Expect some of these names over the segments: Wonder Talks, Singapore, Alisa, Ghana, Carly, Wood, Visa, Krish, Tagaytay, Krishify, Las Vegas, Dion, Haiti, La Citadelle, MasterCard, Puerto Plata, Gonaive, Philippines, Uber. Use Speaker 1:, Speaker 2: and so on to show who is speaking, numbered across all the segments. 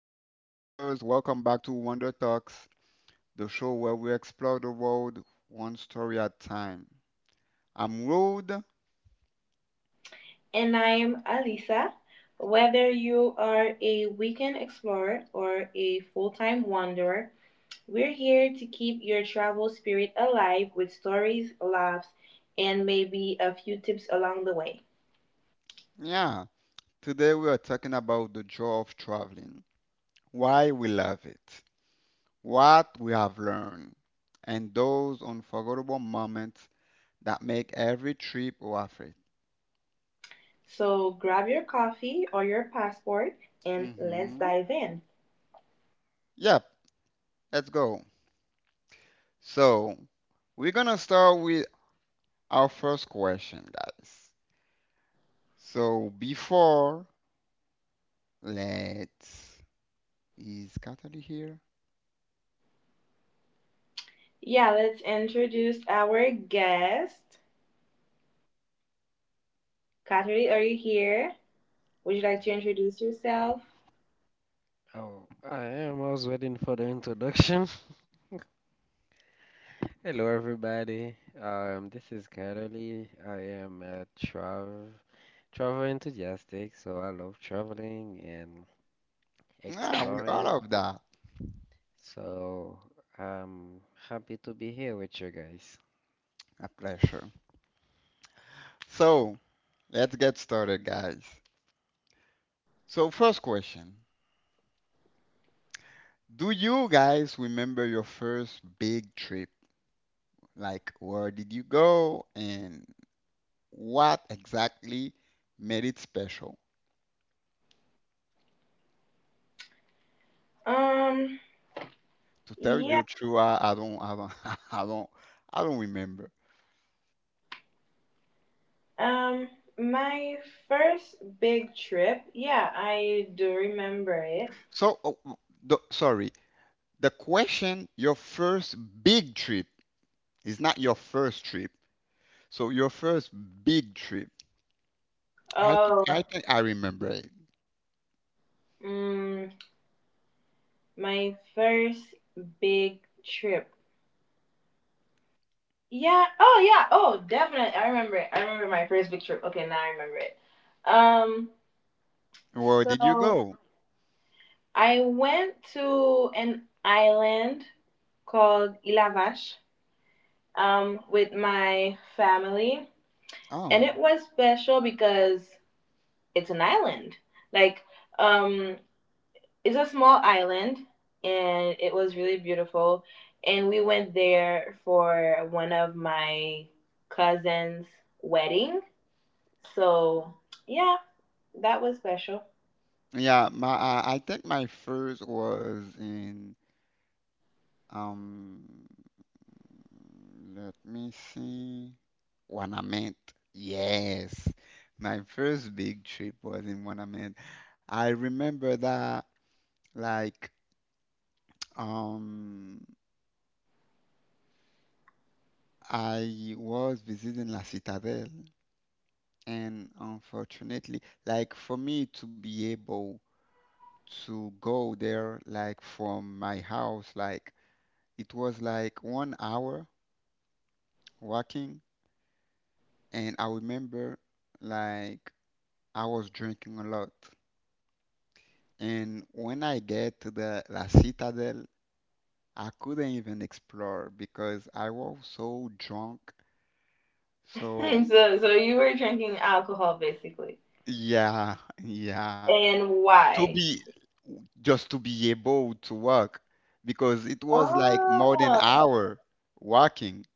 Speaker 1: travelers, welcome back to Wonder Talks, the show where we explore the world one story at a time. I'm Rode. Yeah, today we are talking about the joy of traveling, why we love it, what we have learned, and those unforgettable moments that make every trip worth it. Hmm. Yep, let's go. So, we're gonna start with our first question, guys. So, before Let's. Is Katari here?
Speaker 2: I, oh, I am. I was waiting for the introduction. Hello, everybody. This is Carly. I am a travel enthusiastic, so I love traveling and
Speaker 1: Ah, with all
Speaker 2: exploring.
Speaker 1: of that.
Speaker 2: So I'm happy to be here with you guys.
Speaker 1: A pleasure. So, let's get started, guys. So, first question: do you guys remember your first big trip? Like, where did you go, and what exactly made it special? To tell you true, I don't, I don't, I don't remember. So, the, sorry, the question, your first big trip, is not your first trip. So your first big trip, I think I remember it. Where did you go? Oh, yeah, my I think my first was in um. Let me see. Wanament. Yes, my first big trip was in Wanament. I remember that, like, um I was visiting La Citadelle, and unfortunately, like, for me to be able to go there, like, from my house, like, it was like 1 hour walking. And I remember, like, I was drinking a lot, and when I get to the La Citadel, I couldn't even explore because I was so drunk. So yeah. Yeah, to be, just to be able to walk because it was like more than hour walking.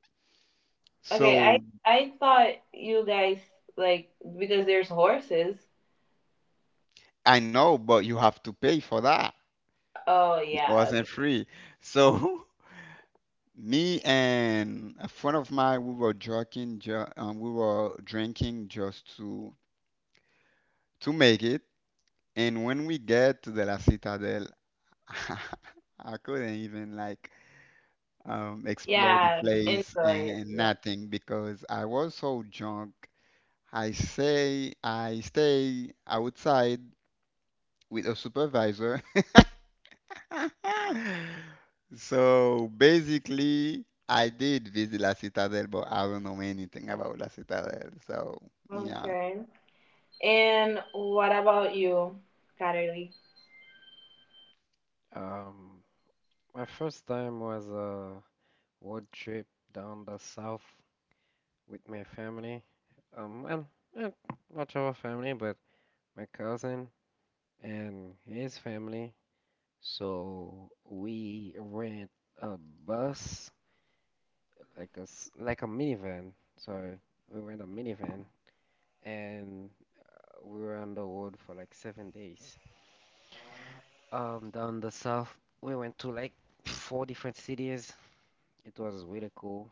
Speaker 1: So I know, but you have to pay for that. It wasn't free. So me and a friend of mine, we were joking, we were drinking just to make it. And when we get to the La Citadel, I couldn't even like, explore the place and nothing because I was so drunk. I say I stay outside with a supervisor. So basically, I did visit La Citadel, but I don't know anything about La Citadel. So yeah,
Speaker 2: Um, my first time was a road trip down the south with my family. Well, not much of a family, but my cousin and his family. So we rent a bus, like like a minivan. Sorry, we rent a minivan, and we were on the road for like 7 days. Down the south, we went to like four different cities. It was really cool.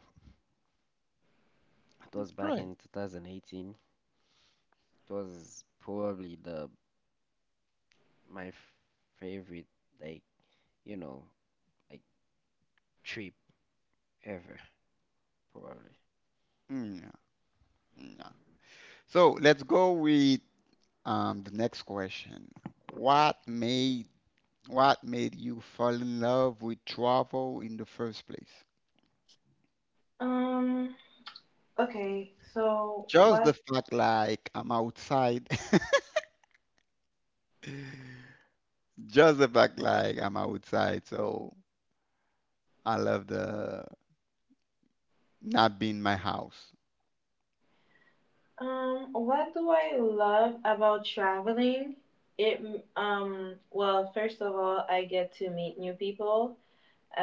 Speaker 2: It was back
Speaker 1: great.
Speaker 2: in 2018. It was probably the my f- favorite, like you know, like trip ever, probably.
Speaker 1: Yeah, yeah. So let's go with, the next question. What made what made you fall in love with travel in the first place? Just the fact like I'm outside. Just the fact like I'm outside, so I love the not being my house.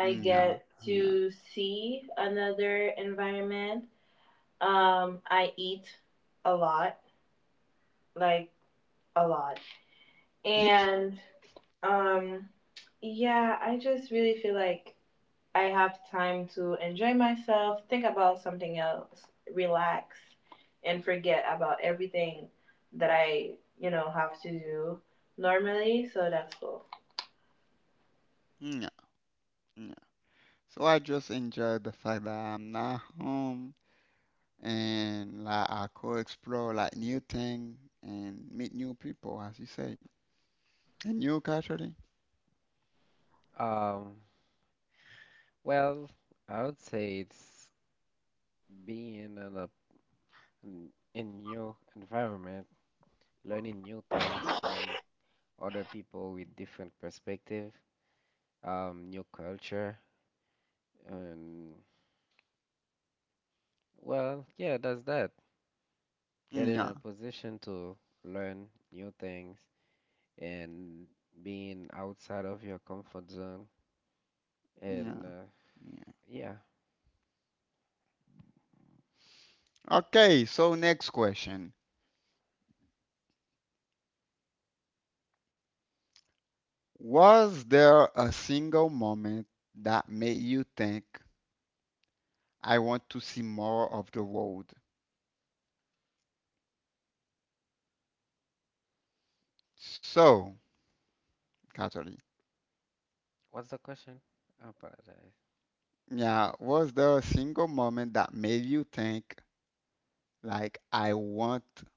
Speaker 1: Yeah, yeah, yeah, yeah. So I just enjoy the fact that I'm not home, and like I could explore like new thing, and meet new people, as you say, and new culture. Thing.
Speaker 2: Um, well, I would say it's. Being in a in new environment, learning new things from other people with different perspective, new culture, and well, yeah, that's that. Getting in a
Speaker 1: Yeah,
Speaker 2: position to learn new things and being outside of your comfort zone. And
Speaker 1: yeah, yeah.
Speaker 2: yeah,
Speaker 1: Okay, so next question. Was there a single moment that made you think I want to see more of the world? So, Catherine,
Speaker 2: what's the question? I apologize.
Speaker 1: yeah, was there a single moment that made you think like I want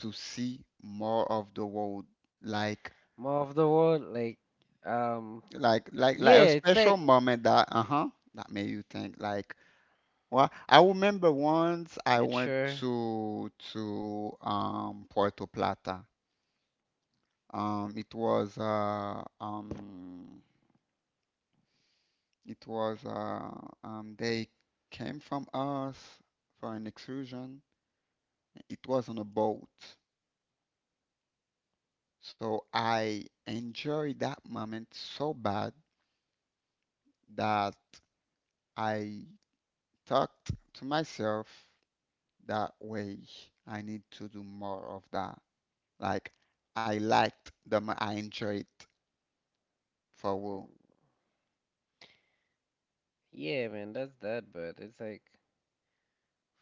Speaker 1: to see more of the world. Like
Speaker 2: More of the world, like, um,
Speaker 1: like like a
Speaker 2: yeah, it's
Speaker 1: special
Speaker 2: like
Speaker 1: moment that uh-huh that made you think like, well, I remember once I went
Speaker 2: nature.
Speaker 1: to Puerto Plata. Um it was uh um it was they came from us for an excursion. It was on a boat. So I enjoyed that moment so bad that I talked to myself that way. I need to do more of that. Like I liked the more I enjoyed for work.
Speaker 2: Yeah, man, that's that, but it's like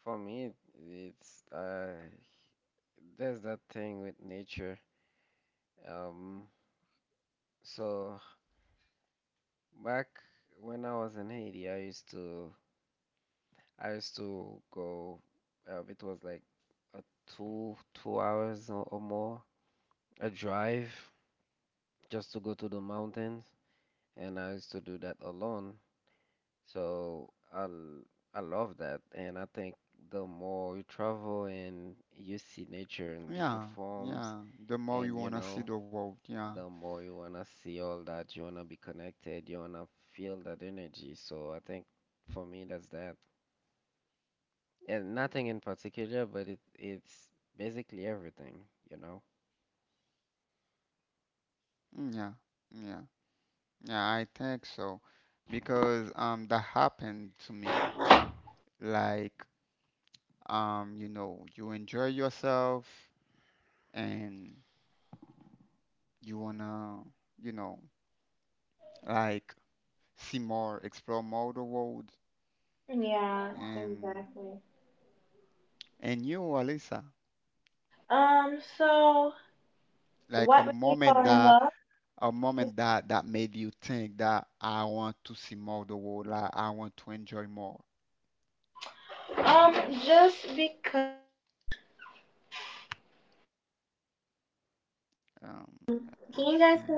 Speaker 2: for me, it's there's that thing with nature. Um, so back when I was in Haiti, I used to go. It was like a two hours or more a drive just to go to the mountains, and I used to do that alone. So I l- I love that, and I think the more you travel and you see nature in different
Speaker 1: Yeah,
Speaker 2: forms,
Speaker 1: yeah. The more you
Speaker 2: and you
Speaker 1: wanna see
Speaker 2: know,
Speaker 1: the world, yeah.
Speaker 2: the more you wanna see all that, you wanna be connected, you wanna feel that energy. So I think for me that's that, and nothing in particular, but it's basically everything, you know.
Speaker 1: Yeah, yeah, yeah. I think so because that happened to me. Like, you know, you enjoy yourself, and you wanna, you know, like, see more, explore more the world. And And you, Alisa, like a moment that made you think that I want to see more of the world, like I want to enjoy more. Um, let me see.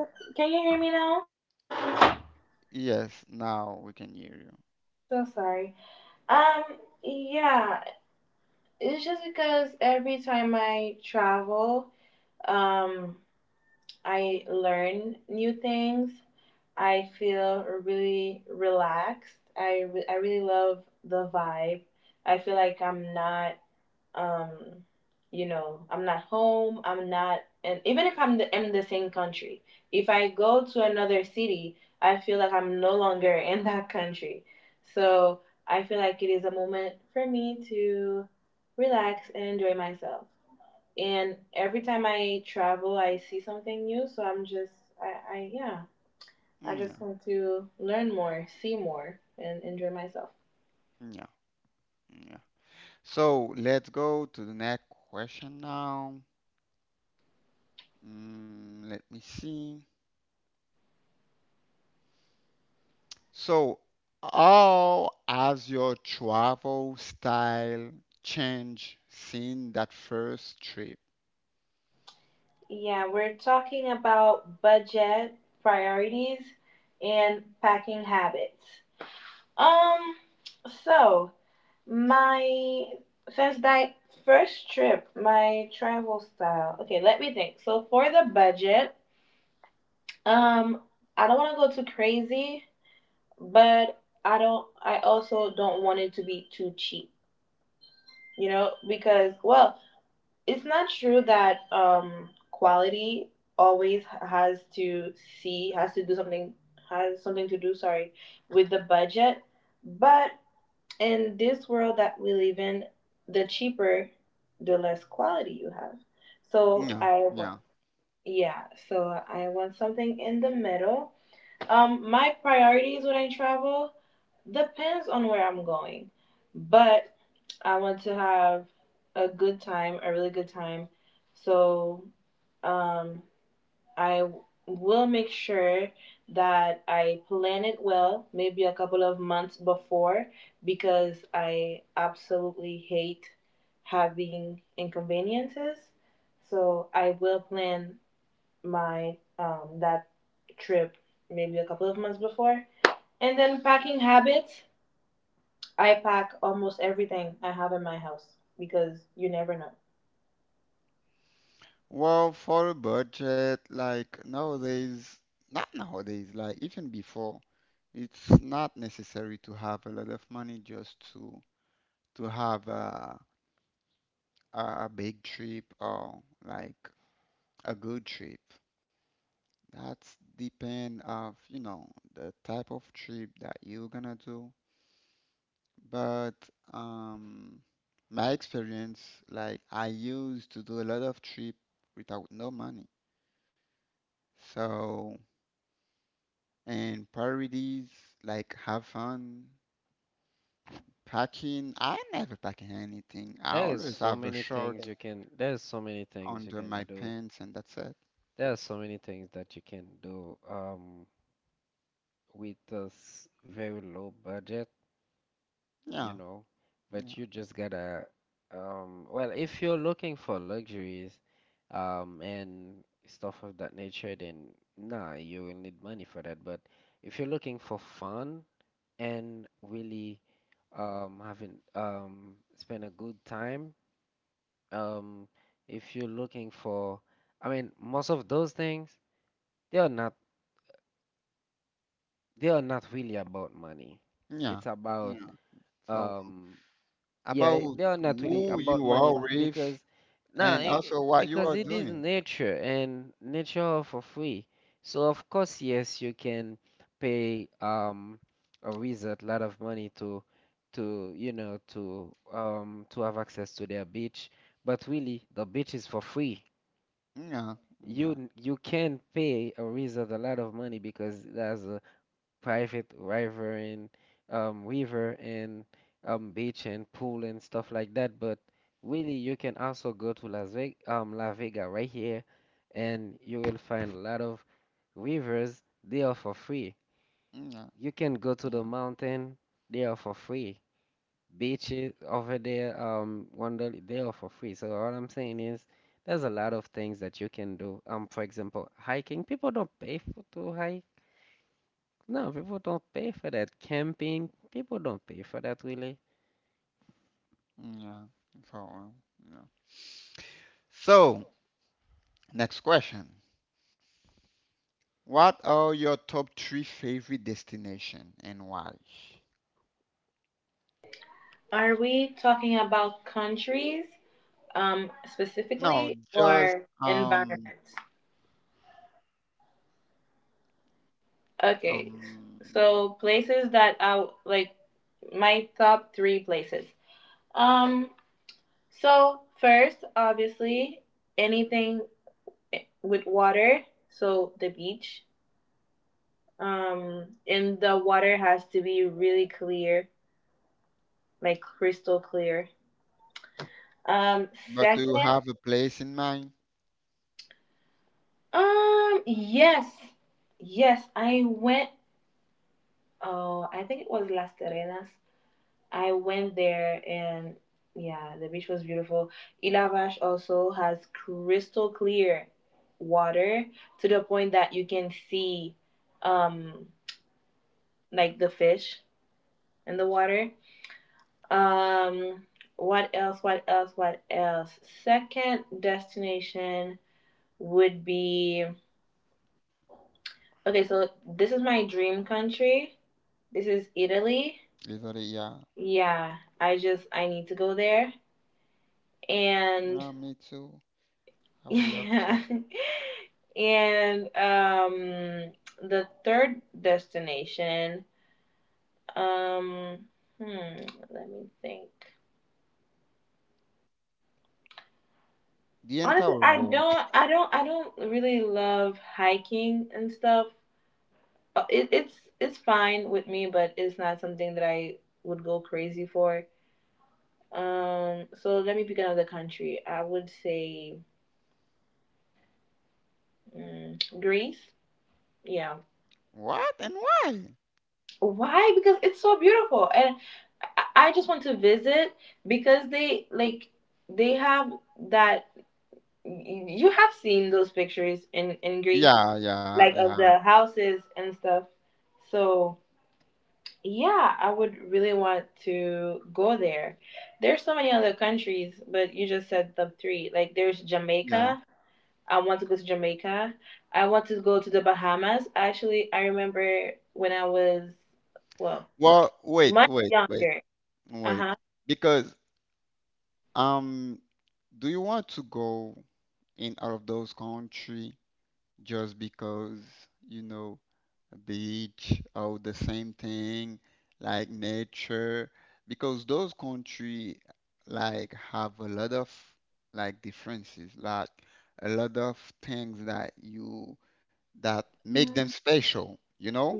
Speaker 1: Yes, now we can hear you. Yeah, yeah, yeah. So let's go to the next question now. Let me see. So, how has your travel style changed since that first trip? Yeah, yeah. Well, for a budget, like nowadays, not nowadays, like even before, it's not necessary to have a lot of money just to have a a big trip or like a good trip. That's depend of, you know, the type of trip that you're gonna do. But um my experience, like I used to do a lot of trip without no money. So and priorities like have fun, packing. I never pack anything. I
Speaker 2: There is
Speaker 1: always
Speaker 2: so
Speaker 1: have a
Speaker 2: many
Speaker 1: shirt.
Speaker 2: things
Speaker 1: Nothing.
Speaker 2: you can. There's so many things you
Speaker 1: Under
Speaker 2: can
Speaker 1: my
Speaker 2: do.
Speaker 1: pants, and that's it.
Speaker 2: There are so many things that you can do. With this very low budget, you
Speaker 1: Yeah,
Speaker 2: know,
Speaker 1: yeah,
Speaker 2: but you just gotta, well, if you're looking for luxuries, and stuff of that nature, then nah, you will need money for that. But if you're looking for fun and really, having spend a good time, um, if you're looking for, I mean, most of those things, they are not, they are not really about money.
Speaker 1: yeah,
Speaker 2: It's about
Speaker 1: yeah. So
Speaker 2: um
Speaker 1: about
Speaker 2: Yeah, they are not really
Speaker 1: who
Speaker 2: about
Speaker 1: you
Speaker 2: money
Speaker 1: are with,
Speaker 2: because now
Speaker 1: and also what you
Speaker 2: because
Speaker 1: are
Speaker 2: it is
Speaker 1: doing.
Speaker 2: nature and nature are for free. So of course, yes, you can pay a wizard a lot of money to you know to have access to their beach, but really the beach is for free.
Speaker 1: Yeah, yeah,
Speaker 2: You can pay a wizard a lot of money because that's private river and um, river and beach and pool and stuff like that. But really, you can also go to Las Vegas, La Vega right here, and you will find a lot of rivers. They are for free.
Speaker 1: yeah,
Speaker 2: You can go to the
Speaker 1: yeah,
Speaker 2: mountain. They are for free. Beaches over there, wonder they are for free. So all I'm saying is, there's a lot of things that you can do. For example, hiking. People don't pay for to hike no, people don't pay for that. Camping, people don't pay for that really.
Speaker 1: yeah. So, yeah. So, next question. What are your top three favorite destination, and why? No, just um um but do you have a place in mind? Literally, yeah. Yeah, me too. I would love to. The entire world. What and why? Yeah, yeah, yeah, yeah. Well, wait, wait, wait, wait. Because, um do you want to go in out of those country just because, you know, beach or the same thing like nature, because those country like have a lot of like differences, like a lot of things that you, that make them special, you know.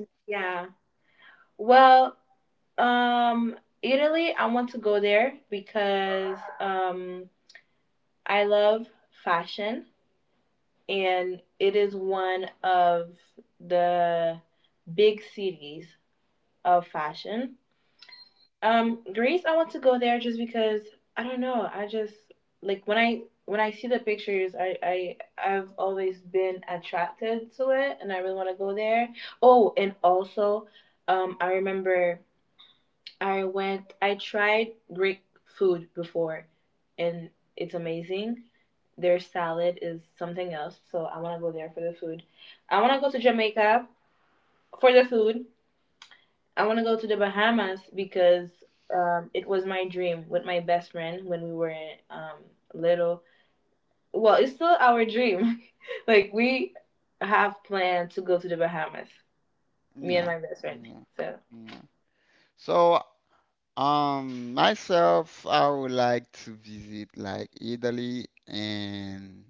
Speaker 1: Yeah, yeah, yeah. So myself, I would like to visit like Italy, and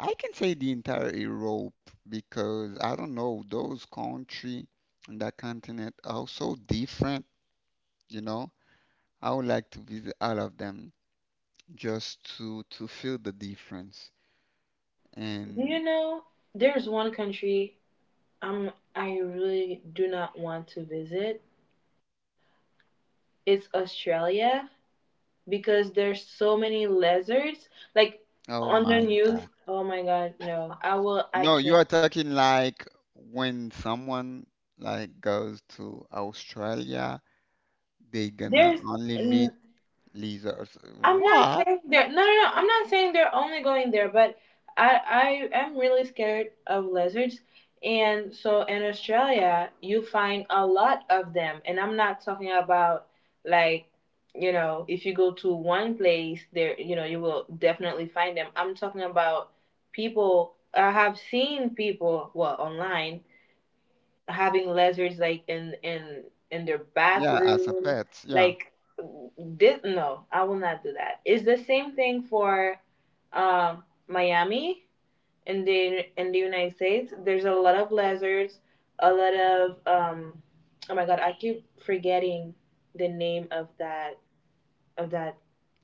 Speaker 1: I can say the entire Europe because I don't know those country, and that continent are so different, you know. I would like to visit all of them just to feel the difference. And oh my God. No, you are talking like when someone like goes to Australia, they gonna only meet lizards. What? Yeah, as a pet, yeah.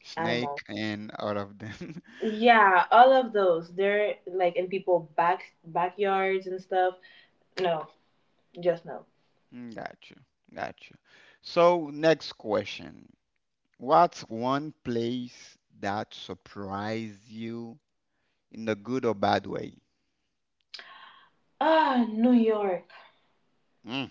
Speaker 1: Snake and all of them. Got you. Got you. So, next question. What's one place that surprised you in a good or bad way? Mm.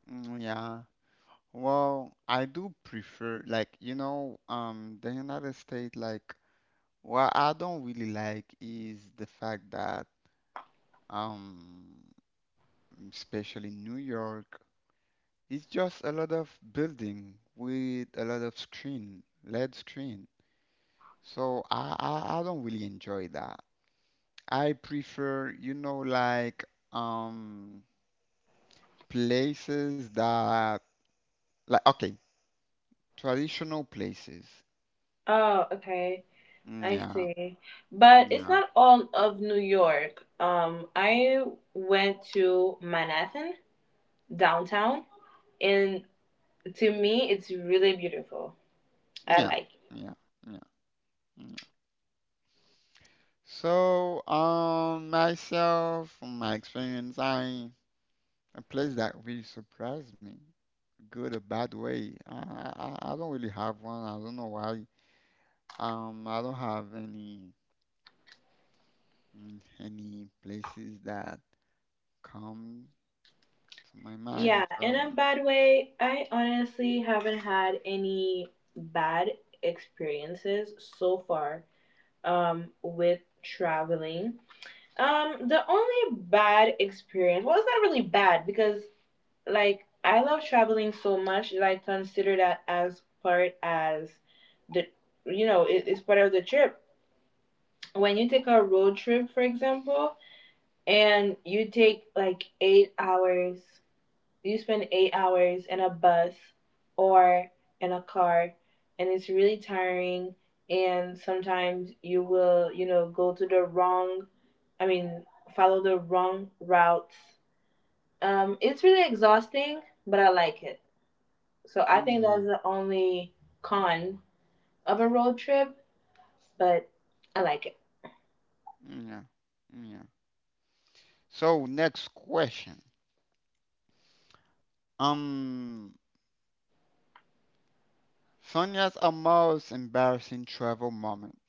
Speaker 1: Yeah. Well, I do prefer, like, you know, the United States. Like, what I don't really like is the fact that, um especially New York, it's just a lot of building with a lot of screen, LED screen. So I don't really enjoy that. I prefer, you know, like, um places that, like, okay, traditional places. Yeah, yeah, yeah, yeah, yeah, yeah. So myself, from my experience, I a place that really surprised me, good or bad way. I don't really have one. I don't know why. I don't have any any places that come to my mind. So, yeah, yeah, yeah. So, next question. Um, Sonia's a most embarrassing travel moment.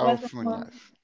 Speaker 1: Oh, Funyas.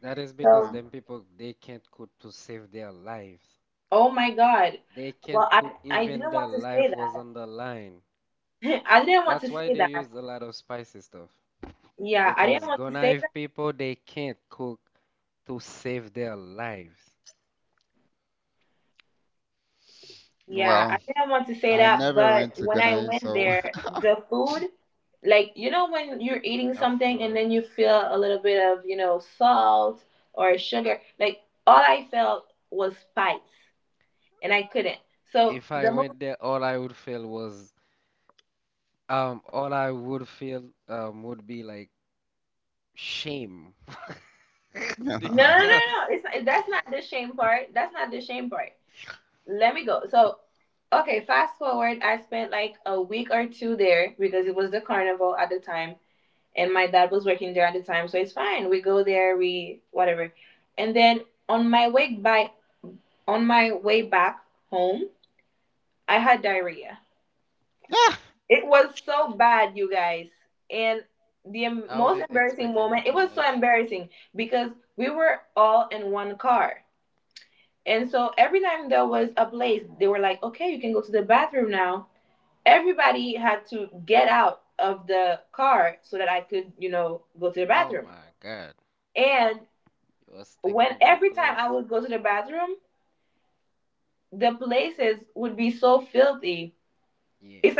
Speaker 2: That is because
Speaker 1: Yeah.
Speaker 2: them people they can't cook to save their lives. They can't cook even their life was on the line. That's why they use a lot of spicy stuff. Because Gonaive people they can't cook to save their lives.
Speaker 1: Well, I never went to Ghana, so
Speaker 2: Are full If I went there, all I would feel would be like shame,
Speaker 1: yeah, ah!
Speaker 2: disgust. I wouldn't expect anything less. Oh my God. You was thinking of the place. Yeah.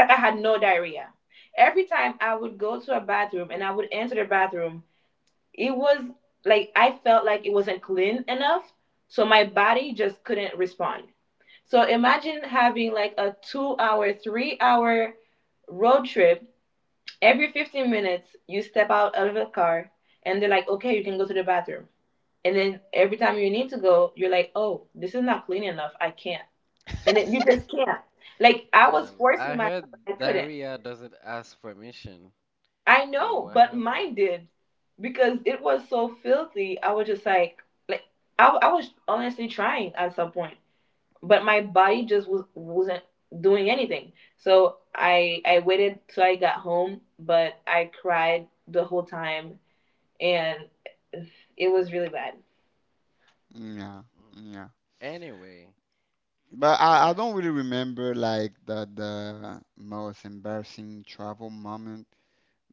Speaker 2: Well, I heard diarrhea doesn't ask permission. So what happened?
Speaker 1: Yeah,
Speaker 2: Mm.
Speaker 1: yeah.
Speaker 2: Anyway,
Speaker 1: But I
Speaker 2: yeah.
Speaker 1: don't really remember like the most embarrassing travel moment.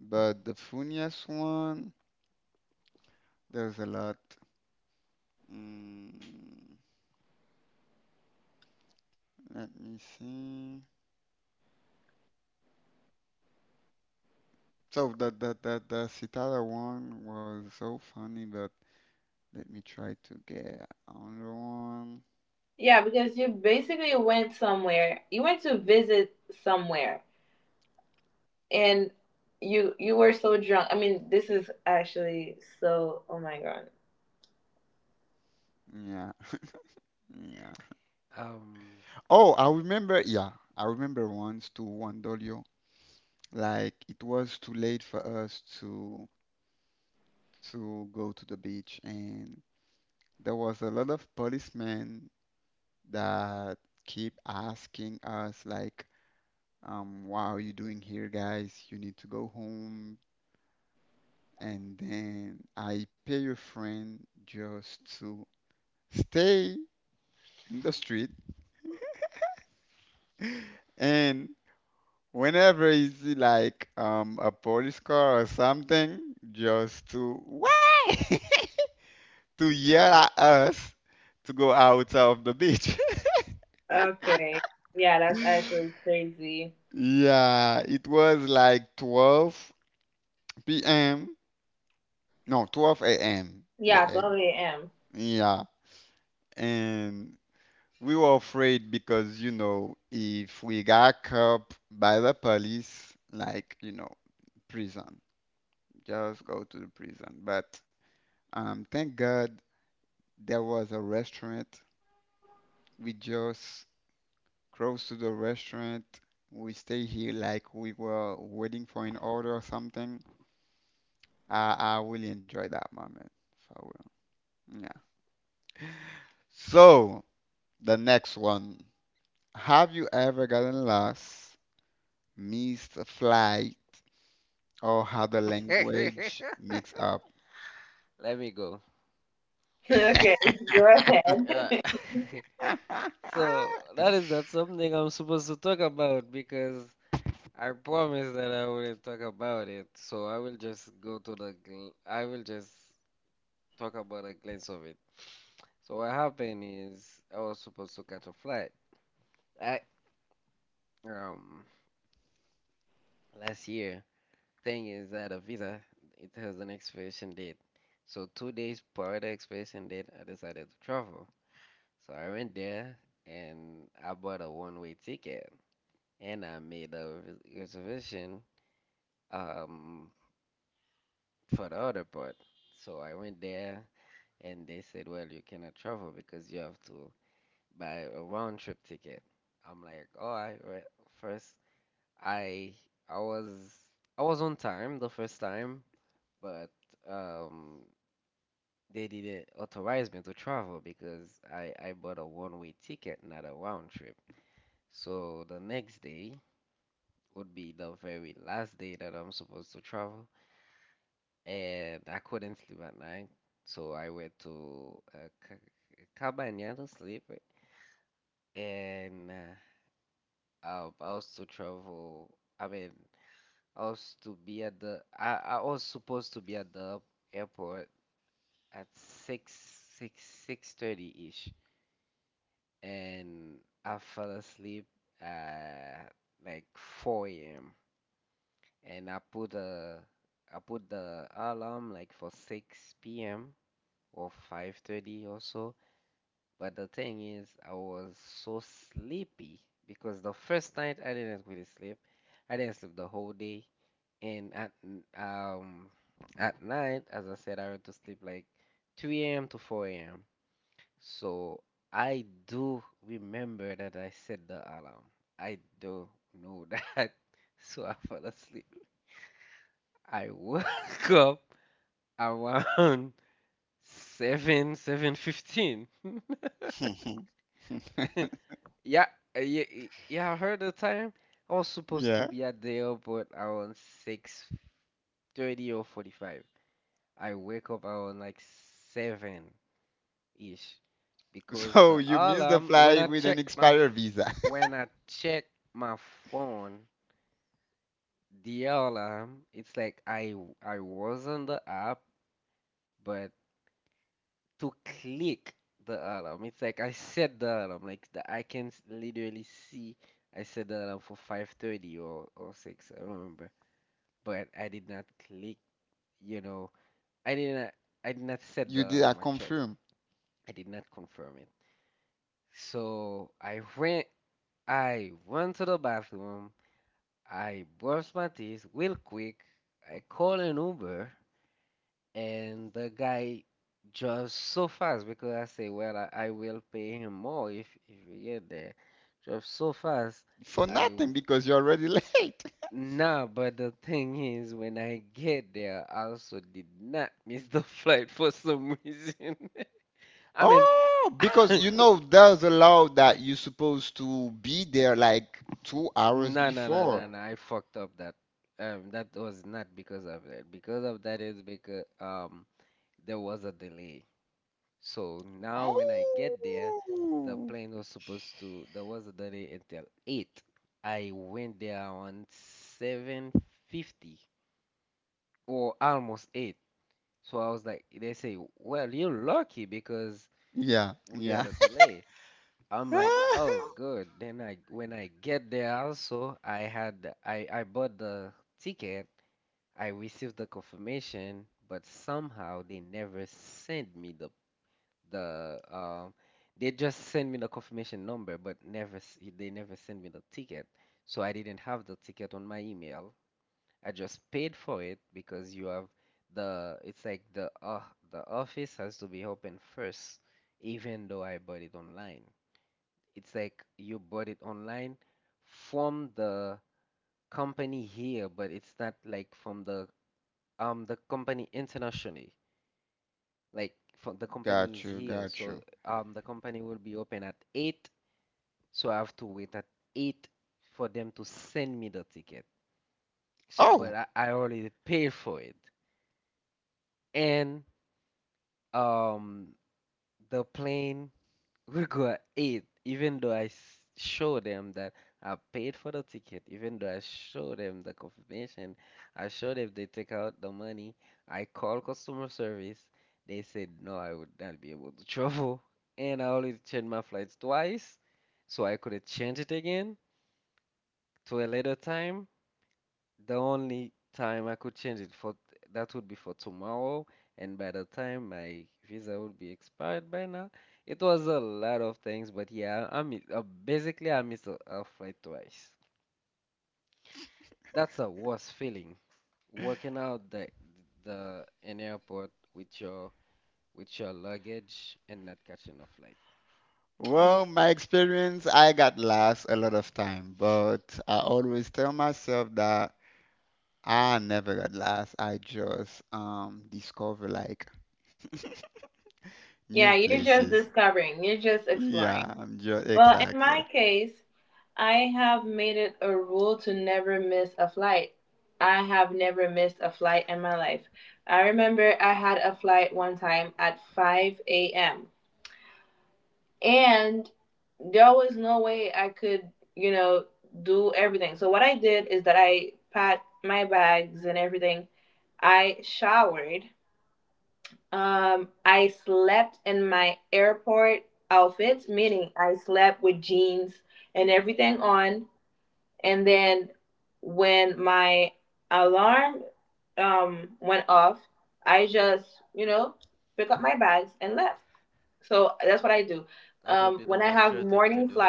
Speaker 1: But the Funyas one, there's a lot. Mm. Let me see. So that the Citadel one was so funny, but let me try to get another one. Yeah, yeah.
Speaker 2: Um.
Speaker 1: Oh, I remember. Yeah, I remember once to Wandolio. Like it was too late for us to go to the beach, and there was a lot of policemen that keep asking us like, what are you doing here, guys? You need to go home. And then I pay your friend just to stay in the street. And whenever is like, a police car or something, just to wait to yell at us to go out of the beach. Yeah, it was like 12 p.m. No, 12 a.m. a.m. Yeah. And we were afraid because, you know, if we got caught by the police, like, you know, prison, just go to the prison. But, thank God there was a restaurant. We just close to the restaurant. We stay here like we were waiting for an order or something. I really enjoyed that moment, for real. Yeah. So, the next one. Have you ever gotten lost, missed a flight, oh, how the
Speaker 2: Let
Speaker 1: language mix up.
Speaker 2: me go. Yeah. So that is not something I'm supposed to talk about because I promised that I wouldn't talk about it. So I will just go I will just talk about a glimpse of it. So what happened is I was supposed to catch a flight. I um last year. Thing is that a visa it has an expiration date. So 2 days prior to the expiration date, I decided to travel. So I went there and I bought a one-way ticket and I made a reservation um for the other part. So I went there and they said, well, you cannot travel because you have to buy a round trip ticket. I'm like, all right, right. First, I I was I was on time the first time, but um they didn't authorize me to travel because I bought a one-way ticket, not a round trip. So the next day would be the very last day that I'm supposed to travel, and I couldn't sleep at night, so I went to Cabana to sleep, and Um, I was to travel. I mean, I was supposed to be at the airport at six thirty ish, and I fell asleep at like four a.m. And I put the alarm like for six p.m. or 5:30 or so. But the thing is, I was so sleepy because the first night I didn't really sleep. I didn't sleep the whole day. And at night, as I said, I went to sleep like 3 a.m. to 4 a.m. So I do remember that I set the alarm. I do know that. So I fell asleep. I woke up around 7, 7:15. Yeah, yeah, I heard the time. I was supposed to
Speaker 1: Yeah.
Speaker 2: be at the airport around 6:30 or 45. I wake up around like 7-ish because
Speaker 1: So
Speaker 2: the
Speaker 1: you missed the
Speaker 2: alarm when I
Speaker 1: flight with
Speaker 2: check
Speaker 1: an
Speaker 2: my
Speaker 1: expired
Speaker 2: f-
Speaker 1: visa.
Speaker 2: when I check my phone, the alarm, it's like I was on the app, but to click the alarm, it's like I set the alarm, I can literally see I set the alarm for 5:30 or 6, I don't remember, but I did not click, you know, I did not I did not set
Speaker 1: You did
Speaker 2: the
Speaker 1: a
Speaker 2: alarm actually.
Speaker 1: confirm
Speaker 2: I did not confirm So I went to the bathroom, I brushed my teeth real quick, I called an Uber and the guy just so fast because I say, well, I will pay him more if we get there. Just so fast,
Speaker 1: for
Speaker 2: I
Speaker 1: nothing
Speaker 2: w-
Speaker 1: because you're already late.
Speaker 2: nah, but the thing is when I get there, I also did not miss the flight for some reason. I mean
Speaker 1: Oh, because you know there's a law that you're supposed to be there like 2 hours
Speaker 2: No, no, no, no,
Speaker 1: before.
Speaker 2: no. I fucked up that. That was not because of that. Because of that is because there was a delay. So now when I get there, the
Speaker 1: Oh.
Speaker 2: plane was supposed to. There was a delay until eight. I went there on 7:50 or almost eight. So I was like, they say, well, you're lucky because
Speaker 1: Yeah,
Speaker 2: we had
Speaker 1: yeah.
Speaker 2: a delay. I'm like, oh, good. When I get there, also, I bought the ticket. I received the confirmation, but somehow they never sent me the um. They just sent me the confirmation number, but never s- they never sent me the ticket. So I didn't have the ticket on my email. I just paid for it because you have the. it's like the office has to be open first, even though I bought it online. It's like you bought it online from the company here, but it's not like from the company internationally. Like from the company
Speaker 1: Got
Speaker 2: is
Speaker 1: you,
Speaker 2: here,
Speaker 1: got you.
Speaker 2: so the company will be open at eight, so I have to wait at eight for them to send me the ticket. So, but
Speaker 1: Oh,
Speaker 2: I already paid for it, and um the plane. We go eat, even though show them that I paid for the ticket, even though I show them the confirmation, I show them they take out the money, I call customer service, they said no, I would not be able to travel, and I always change my flights twice, so I could have changed it again to a later time. The only time I could change it for that would be for tomorrow, and by the time my visa would be expired by now, it was a lot of things, but yeah, I miss, basically I missed a flight twice. That's a worst feeling. Working out the in airport with your luggage and not catching a flight.
Speaker 1: well, my experience, I got last a lot of time, but I always tell myself that I never got last. I just discover like new places. Yeah, I'm just exactly.
Speaker 2: That would be the mature thing to do.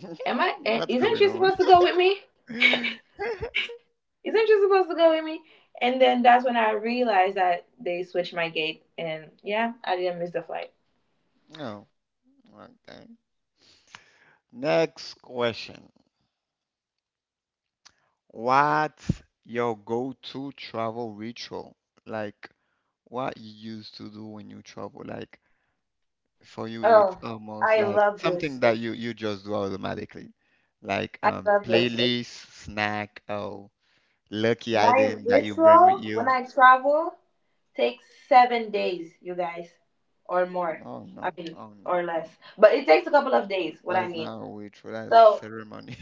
Speaker 1: What's going on? Oh, okay. Next question. What's your go-to travel ritual? Like what you used to do when you travel? Like for you it's almost like something that you just do automatically, like, playlist, snack, or lucky item that you bring with you. Oh no, oh no, oh no. That's not a ritual, that's ceremony.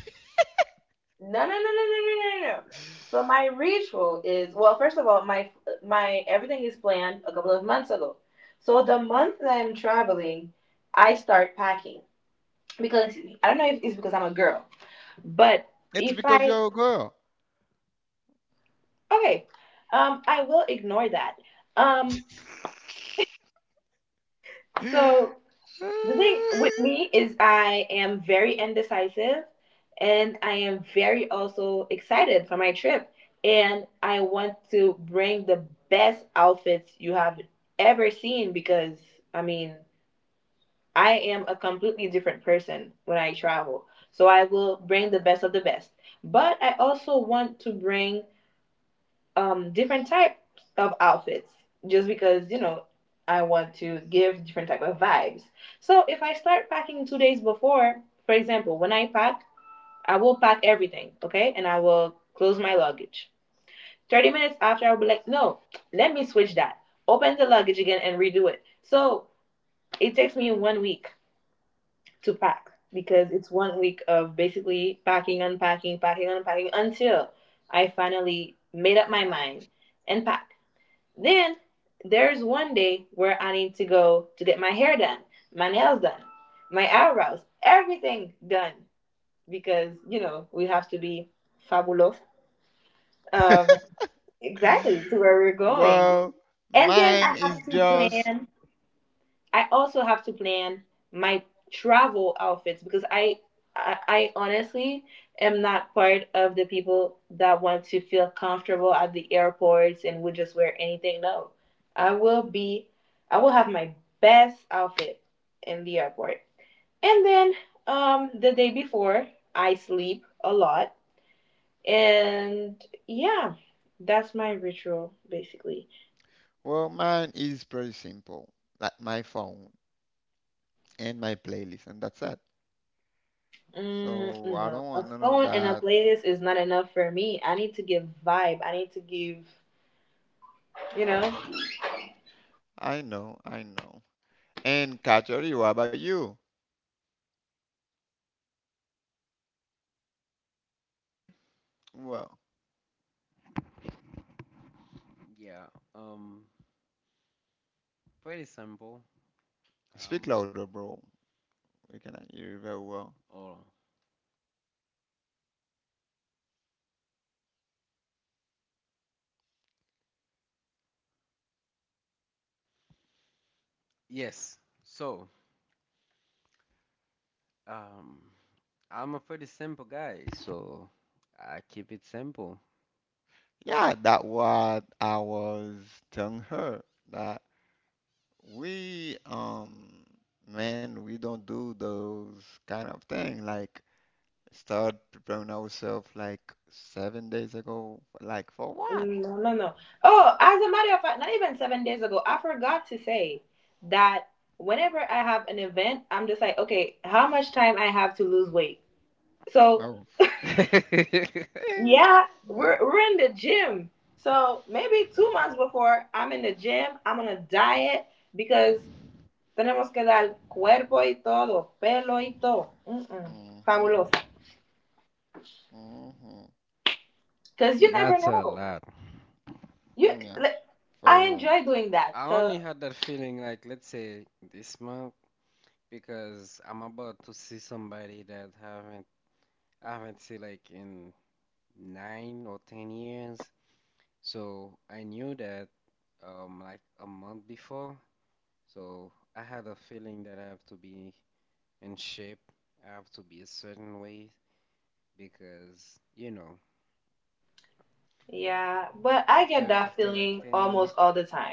Speaker 1: It's because you're a girl. Well, mine is just, well, mine is pretty simple. Like my phone and my playlist, and that's it. So I don't want none of that. I know, I know. And Katori, what about you? Well,
Speaker 2: Yeah, um, pretty simple.
Speaker 1: speak
Speaker 2: Um,
Speaker 1: louder, bro. We cannot hear you very well.
Speaker 2: oh. Yes. So, um, I'm a pretty simple guy, so I keep it simple.
Speaker 1: Yeah, that what I was telling her that we man, we don't do those kind of thing like start preparing ourselves like 7 days ago like for what? Oh, oh, mm-hmm, mm-hmm,
Speaker 2: That's a lot.
Speaker 1: yeah, for real,
Speaker 2: I only had that feeling, like, let's say this month, because I'm about to see somebody that haven't I haven't seen, like, in 9 or 10 years. So I knew that like a month before. So I had a feeling that I have to be in shape. I have to be a certain way, because you know, after like 10 years.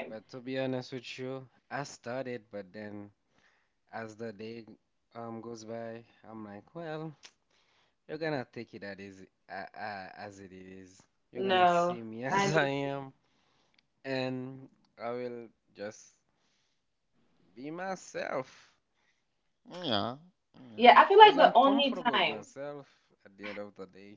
Speaker 2: But to be honest with you, I started, but then as the day goes by, I'm like, well, you're gonna take it at is as it is. You're gonna see me as I am, and I will just be myself
Speaker 1: yeah, yeah.
Speaker 2: because I'm comfortable with myself at the end of the day.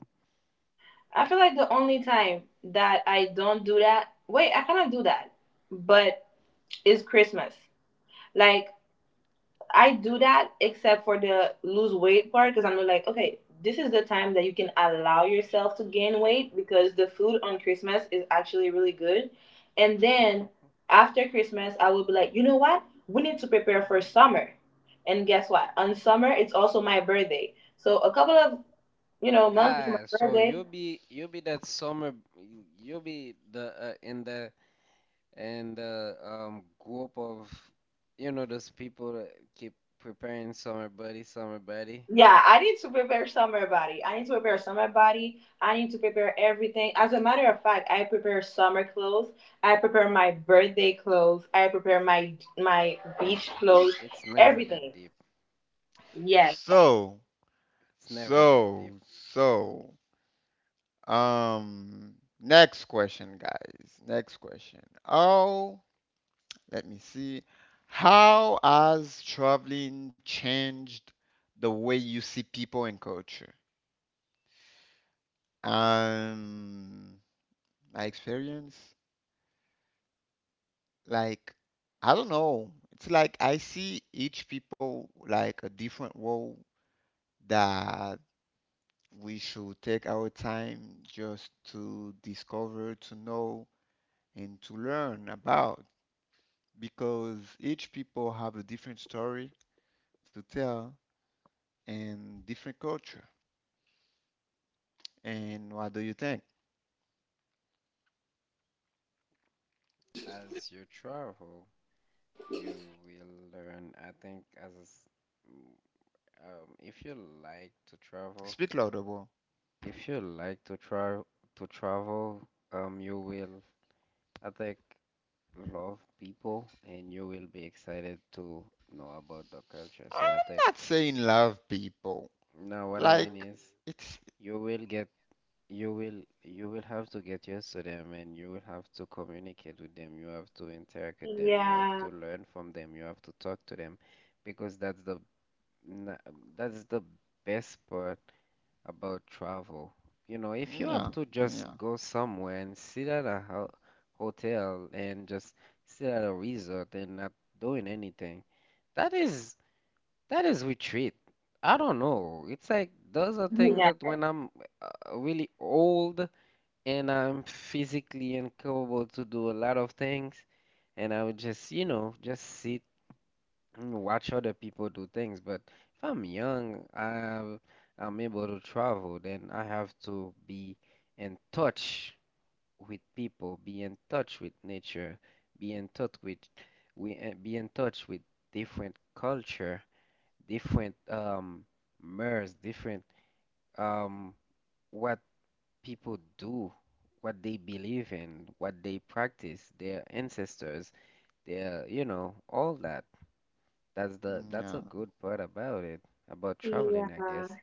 Speaker 2: Ah, so you'll be, that summer, you'll be the in the and group of, you know, those people that keep preparing summer body, summer body. It's never that deep.
Speaker 1: So.
Speaker 2: It's never that deep.
Speaker 1: So, so, um, Next question, guys. Next question. Oh, let me see. How has traveling changed the way you see people and culture? Um, my experience, like, I don't know. It's like I see each people like a different role that we should take our time just to discover, to know and to learn about because each people have a different story to tell and different culture. And what do you think?
Speaker 2: As you travel, you will learn. I think as mm, if you like to travel,
Speaker 1: Speak louder, bro.
Speaker 2: if you like to travel, you will, I think, love people, and you will be excited to know about the culture. So I
Speaker 1: I'm
Speaker 2: think.
Speaker 1: not saying love people.
Speaker 2: Now what I mean
Speaker 1: Like
Speaker 2: is,
Speaker 1: it's
Speaker 2: You will get, you will, have to get used to them, and you will have to communicate with them. You have to interact with them. You have to learn from them. You have to talk to them, because na- that's the best part about travel. You know, if you
Speaker 1: yeah,
Speaker 2: have to just
Speaker 1: yeah,
Speaker 2: go somewhere and sit at a ho hotel and just sit at a resort and not doing anything, that is retreat. I don't know. It's like those are things that when I'm really old and I'm physically incapable to do a lot of things, and I would just, you know, just sit and watch other people do things. But if I'm young, I'm able to travel, then I have to be in touch with people, be in touch with nature, be in touch with we be in touch with different culture, different mers, different um what people do, what they believe in, what they practice, their ancestors, their, you know, all that. That's the that's a
Speaker 1: yeah,
Speaker 2: good part about it, about traveling, I guess.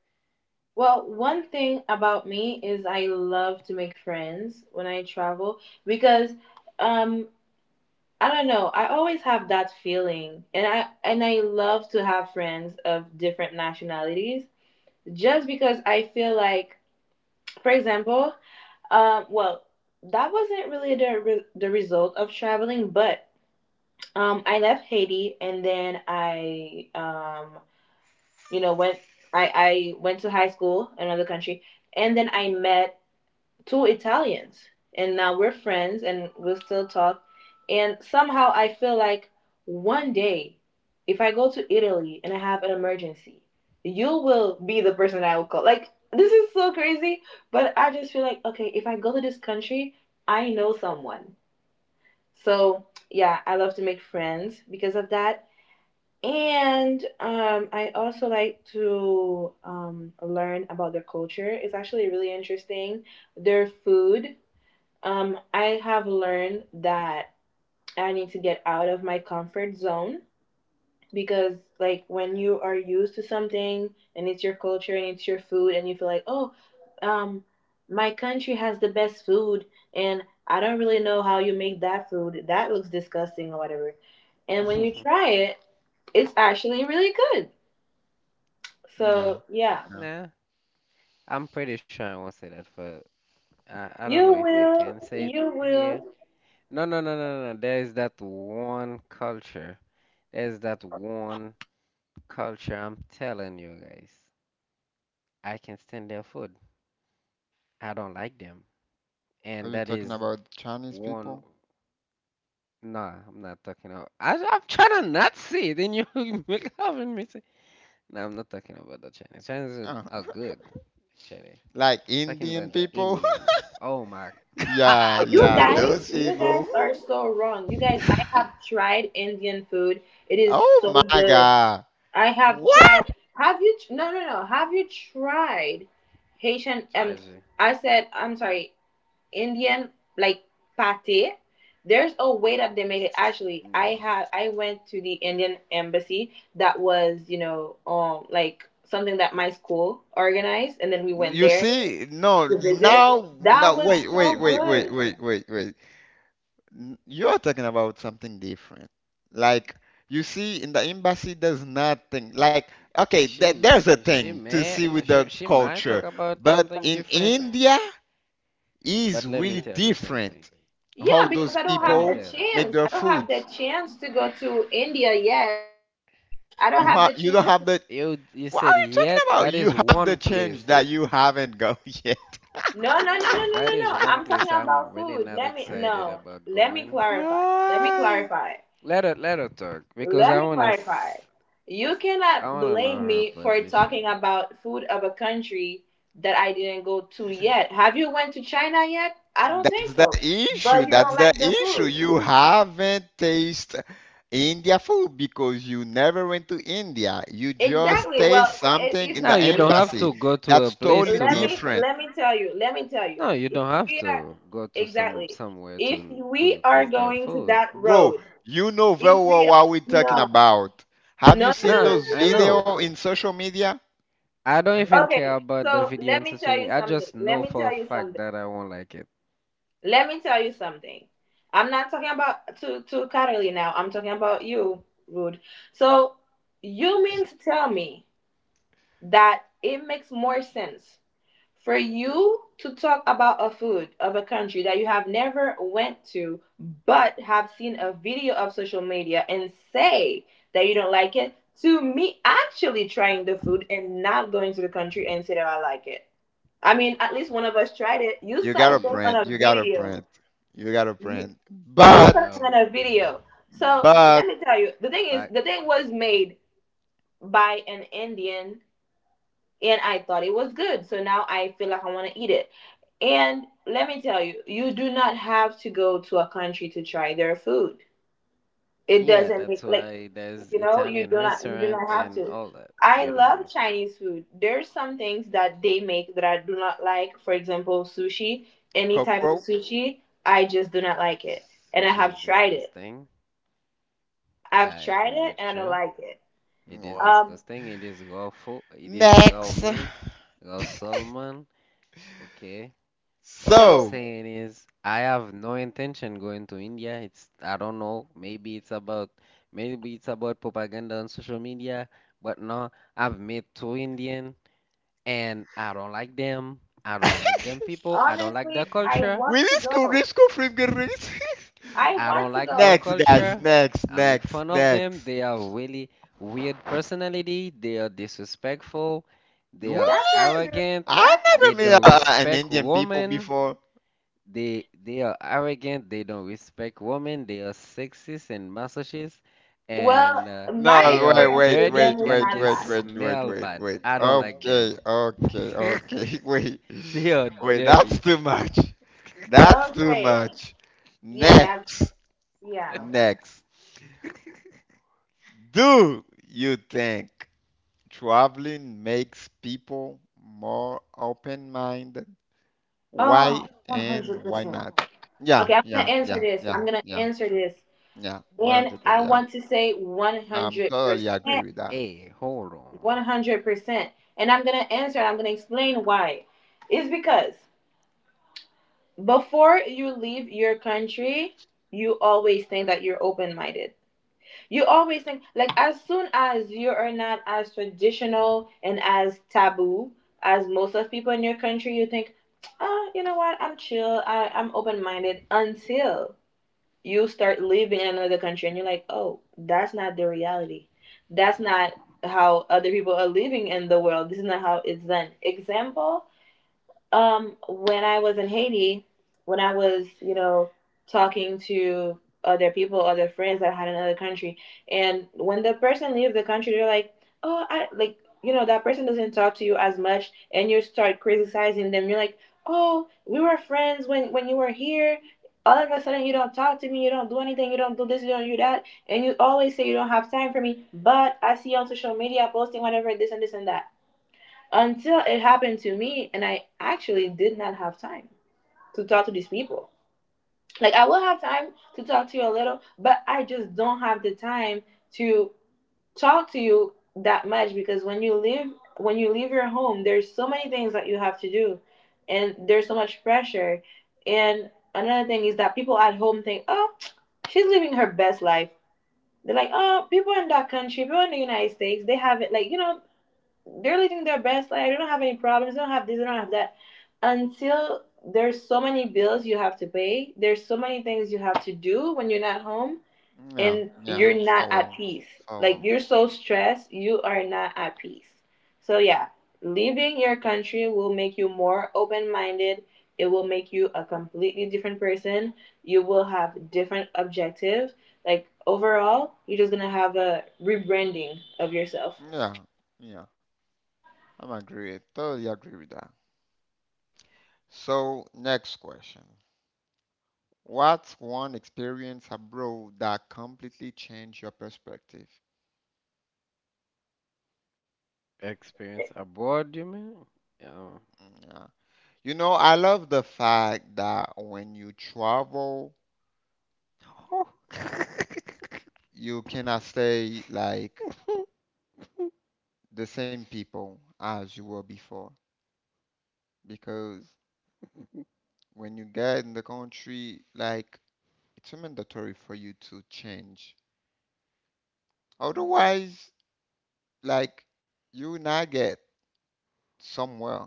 Speaker 1: yeah, yeah.
Speaker 2: Nah, I'm pretty sure I won't say that for I don't know if I can say it here. No, no, no, no, no. There is that one culture. There's that one culture. I'm telling you guys. I can stand their food. I don't like them.
Speaker 1: Are
Speaker 2: And
Speaker 1: you
Speaker 2: that
Speaker 1: talking
Speaker 2: is
Speaker 1: about Chinese
Speaker 2: one.
Speaker 1: people?
Speaker 2: Nah, I'm not talking about. I'm trying to not say it, and you make having me say. No, I'm not talking about the Chinese. Chinese
Speaker 1: Uh,
Speaker 2: are good, actually.
Speaker 1: like
Speaker 2: Talking
Speaker 1: Indian
Speaker 2: about the
Speaker 1: people?
Speaker 2: Indian. Oh my
Speaker 1: Yeah, yeah,
Speaker 2: God.
Speaker 1: those people. Oh my God. What?
Speaker 2: Tragic. No,
Speaker 1: You see, no, now, now, wait, wait,
Speaker 2: listen to
Speaker 1: wait, wait,
Speaker 2: me.
Speaker 1: wait, wait, wait. You're talking about something different. Like, you see, in the embassy, there's nothing.
Speaker 2: Eh,
Speaker 1: Like, okay,
Speaker 2: She
Speaker 1: th
Speaker 2: m-
Speaker 1: there's a
Speaker 2: she
Speaker 1: thing to
Speaker 2: may
Speaker 1: see with the
Speaker 2: she might talk
Speaker 1: culture,
Speaker 2: about
Speaker 1: but
Speaker 2: something
Speaker 1: in
Speaker 2: different,
Speaker 1: India,
Speaker 2: but
Speaker 1: is
Speaker 2: let me
Speaker 1: really
Speaker 2: tell you something.
Speaker 1: different how those
Speaker 2: Let me
Speaker 1: people
Speaker 2: tell you.
Speaker 1: make their foods. You don't have the.
Speaker 2: You you
Speaker 1: What are
Speaker 2: said
Speaker 1: you talking
Speaker 2: yet
Speaker 1: about?
Speaker 2: that
Speaker 1: You
Speaker 2: is
Speaker 1: have the
Speaker 2: one
Speaker 1: change
Speaker 2: place.
Speaker 1: that you haven't got yet.
Speaker 2: That is one place I'm really not excited about going.
Speaker 1: Ah.
Speaker 2: Let her talk because I wanna s- I wanna know her position.
Speaker 1: That's the issue. That's the issue. You haven't tasted India food because you never went to India. You just taste something in the
Speaker 2: No, you don't have
Speaker 1: embassy.
Speaker 2: to go to
Speaker 1: That's
Speaker 2: a place
Speaker 1: totally
Speaker 2: to not.
Speaker 1: different.
Speaker 2: No, you don't have to go to somewhere to taste their food.
Speaker 1: Bro, you know very well what we're talking about. Have you seen
Speaker 2: No,
Speaker 1: those
Speaker 2: I know.
Speaker 1: video in social media?
Speaker 2: I don't even care about the video and social media. I just know for a fact that I won't like it.
Speaker 1: You gotta
Speaker 2: Yeah.
Speaker 1: print. You gotta print. You gotta print.
Speaker 2: Um.
Speaker 1: But,
Speaker 2: But yeah, that's why there's Italian restaurant and all that. You don't have to.
Speaker 1: cockroach.
Speaker 2: Sushi is disgusting. I agree with you. It is
Speaker 1: Well.
Speaker 2: disgusting. It is raw food. It is raw
Speaker 1: Next.
Speaker 2: meat, raw salmon. Okay. What I'm
Speaker 1: So.
Speaker 2: saying is, I have no intention going to India. It's I don't know. Maybe it's about propaganda on social media. But no, I've met two Indian, and I don't like them. I don't like them people. I don't like their culture.
Speaker 1: We disco finger races.
Speaker 2: I don't like their
Speaker 1: Next, guys.
Speaker 2: culture.
Speaker 1: Next,
Speaker 2: I make
Speaker 1: next,
Speaker 2: fun of
Speaker 1: next.
Speaker 2: them. They are really weird personality. They are disrespectful. They are
Speaker 1: Really?
Speaker 2: arrogant.
Speaker 1: I
Speaker 2: They
Speaker 1: never met
Speaker 2: don't
Speaker 1: an
Speaker 2: respect
Speaker 1: Indian people
Speaker 2: women.
Speaker 1: before.
Speaker 2: They are arrogant. They don't respect women. They are sexist and masochist, and they
Speaker 1: No,
Speaker 2: are
Speaker 1: wait, wait,
Speaker 2: dirty and
Speaker 1: wait, wait,
Speaker 2: they
Speaker 1: wait, wait, wait,
Speaker 2: smell
Speaker 1: wait,
Speaker 2: bad.
Speaker 1: wait.
Speaker 2: I don't like
Speaker 1: Okay,
Speaker 2: them.
Speaker 1: okay, okay. Wait,
Speaker 2: They are
Speaker 1: wait.
Speaker 2: dirty.
Speaker 1: That's too much. That's too much. Next, next. Do you think traveling makes people more open-minded? Why and why not? Yeah, yeah, yeah, yeah, yeah, yeah. 100%. Yeah, I'm totally agree with that.
Speaker 2: Hey, hold on.
Speaker 1: Yeah, follow. Yeah, yeah, I'm agree. Totally agree with that. So, next question. What's one experience abroad that completely changed your perspective?
Speaker 2: Experience abroad, you mean? Yeah.
Speaker 1: Yeah. You know, I love the fact that when you travel,
Speaker 2: Oh.
Speaker 1: you cannot say like the same people as you were before because when you get in the country, like, it's mandatory for you to change, otherwise, like, you will not get somewhere.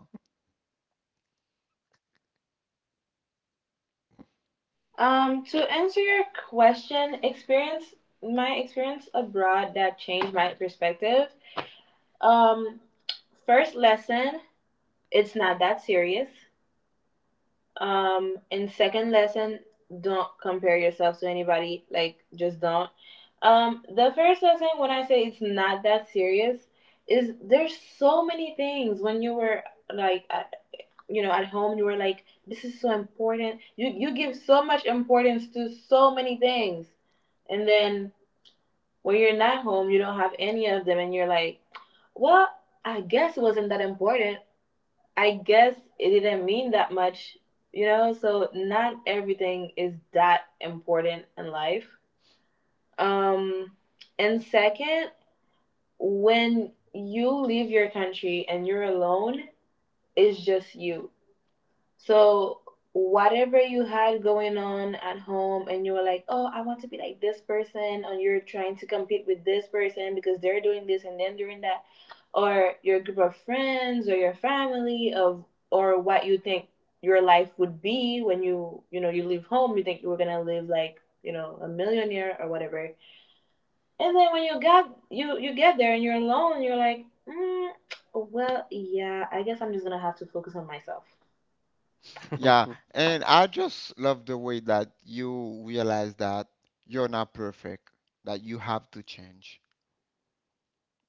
Speaker 1: Yeah, and I just love the way that you realize that you're not perfect, that you have to change.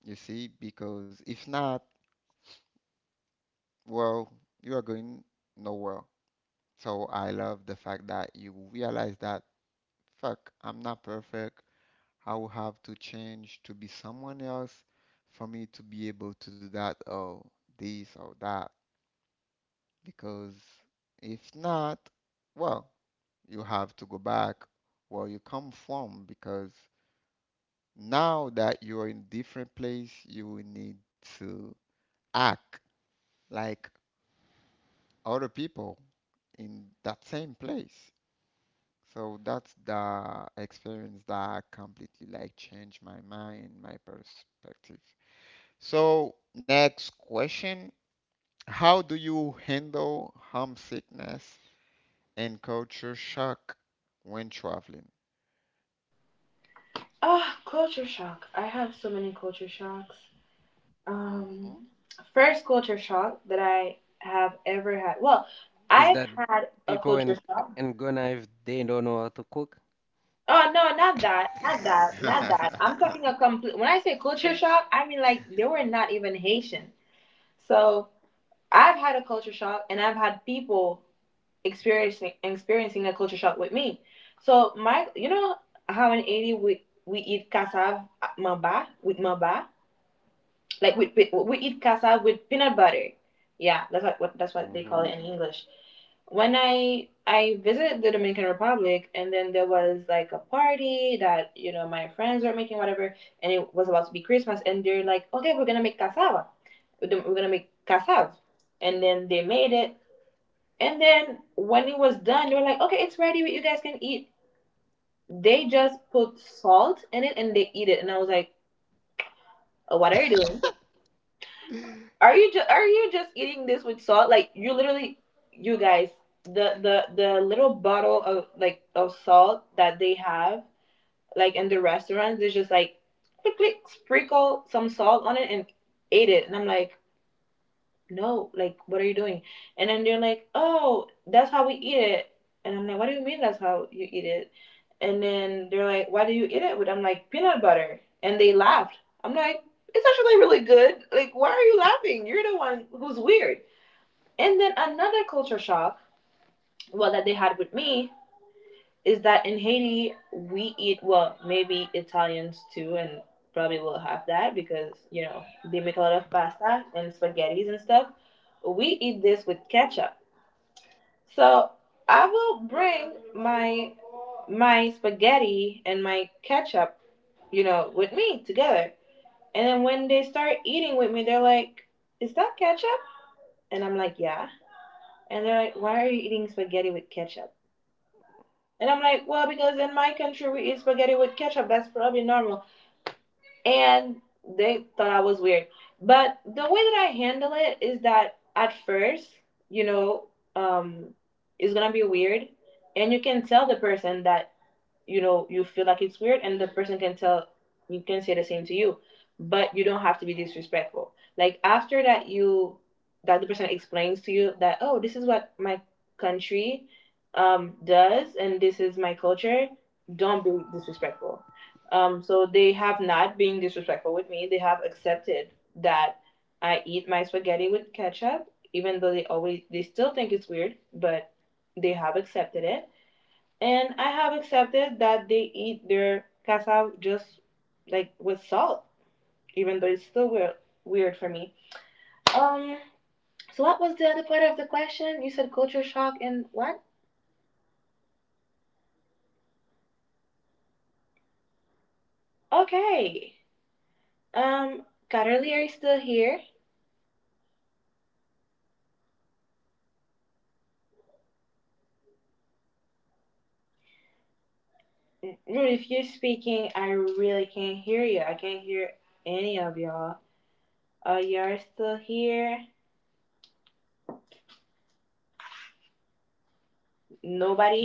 Speaker 1: You see, because if not, well, you are going nowhere. So I love the fact that you realize that fuck, I'm not perfect, I will have to change to be someone else for me to be able to do that or this or that. Because if not, well, you have to go back where you come from because now that you are in a different place, you will need to act like other people in that same place. So that's the experience that completely like changed my mind, my perspective. So, next question. How do you handle homesickness and culture shock when traveling? Mhm.
Speaker 2: Is that people in Ghana if they don't know how to cook? Hmm.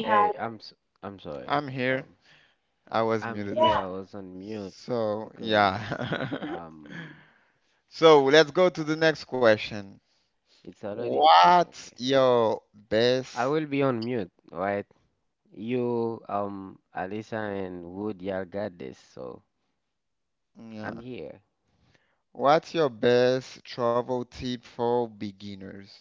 Speaker 2: Hey, I'm sorry.
Speaker 1: I'm here.
Speaker 2: Um,
Speaker 1: I was
Speaker 2: I'm
Speaker 1: muted.
Speaker 2: here. I was on mute
Speaker 1: So,
Speaker 2: because
Speaker 1: yeah.
Speaker 2: um,
Speaker 1: So, let's go to the next question.
Speaker 2: it's already
Speaker 1: What's
Speaker 2: okay.
Speaker 1: your
Speaker 2: I
Speaker 1: best,
Speaker 2: will be on mute, right? You, Alisa and Wood, y'all got this, so I'm
Speaker 1: yeah,
Speaker 2: here.
Speaker 1: what's your best travel tip for beginners?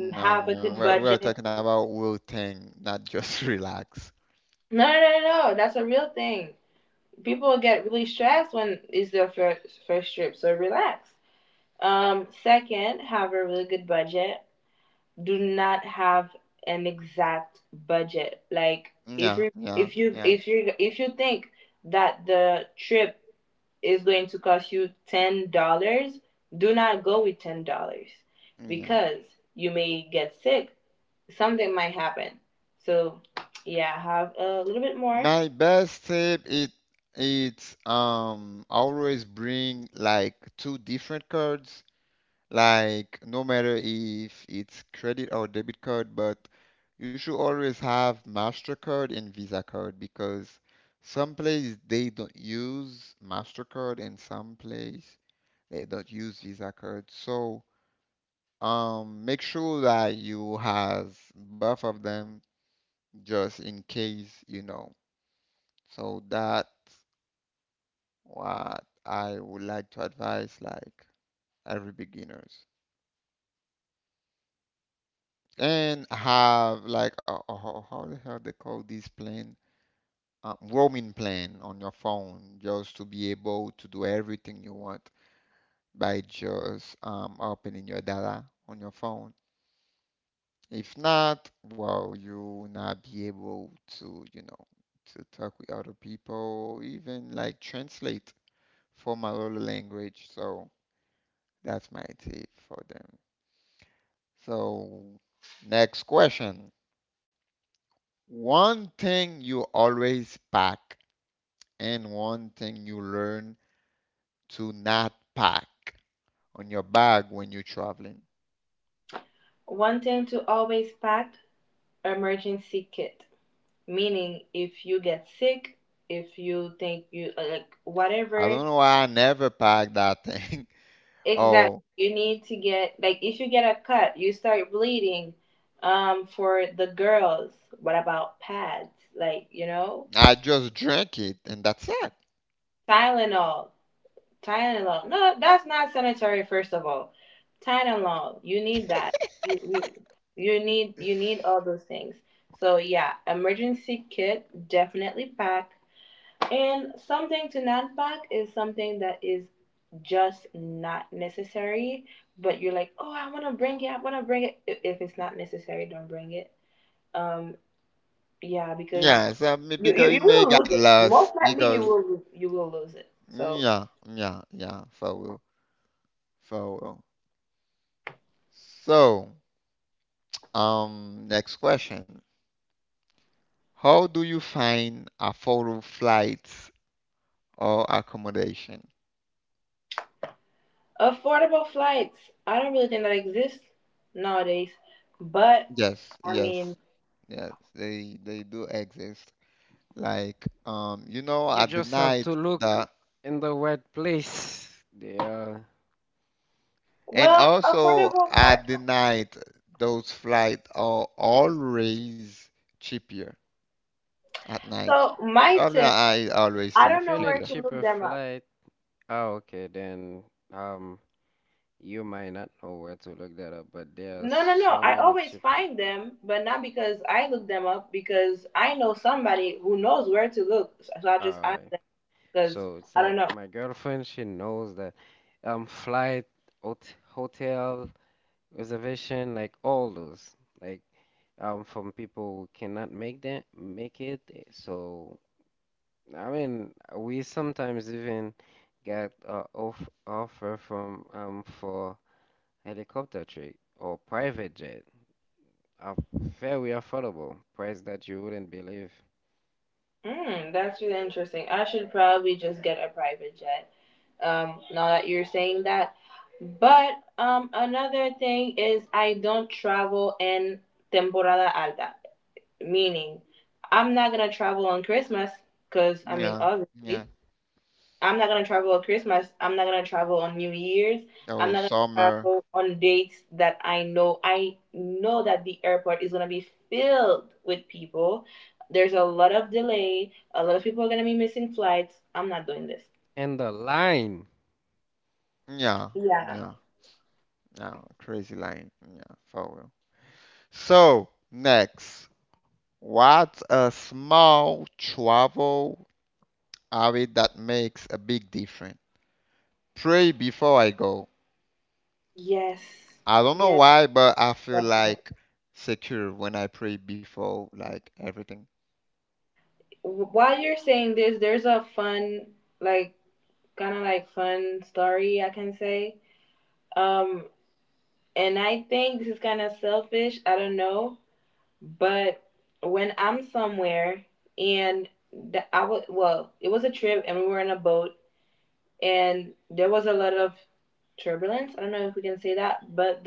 Speaker 1: No, no, we're talking about will thing, not just relax. Yeah, yeah, yeah, yeah. My best tip it's always bring like two different cards, like no matter if it's credit or debit card, but you should always have MasterCard and Visa card because some place they don't use MasterCard and some place they don't use Visa card. So make sure that you have both of them just in case, you know. So that's what I would like to advise like every beginners. And have like how the hell they call this plan? A roaming plan on your phone just to be able to do everything you want by just opening your data on your phone. If not, well, you will not be able to, you know, to talk with other people, even like translate for Malolo language. So that's my tip for them. So next question. One thing you always pack and one thing you learn to not pack on your bag when you're traveling. I don't know why I never pack that thing. Oh, I just drank it and that's it. Yeah, so because it may get lost because yeah, yeah, yeah, for real, for real. So next question. How do you find affordable flights or accommodation? Yes, yes, yes, they do exist. Like you know,
Speaker 2: You
Speaker 1: at the
Speaker 2: just have
Speaker 1: night
Speaker 2: to
Speaker 1: the
Speaker 2: look in the right place. They are
Speaker 1: and also at the night those flights are always cheaper at night.
Speaker 2: cheaper.
Speaker 1: Traveling at night is always
Speaker 2: If you need
Speaker 1: cheaper.
Speaker 2: cheaper flight, ah, okay, then um, you might not know where to look that up, but there are so many cheap. All right, so it's like my girlfriend, she knows that flight, hotel reservation, like all those, like from people who cannot make them make it, eh, so I mean, we sometimes even get offer from for helicopter trip or private jet, a very affordable price that you wouldn't believe.
Speaker 1: Yeah, yeah. Oh, summer.
Speaker 2: And the line,
Speaker 1: Yeah, yeah, yeah. Crazy line. Yeah, for real. So, next, what's a small travel habit that makes a big difference? Pray before I go. I don't know why, but I feel like secure when I pray before like everything.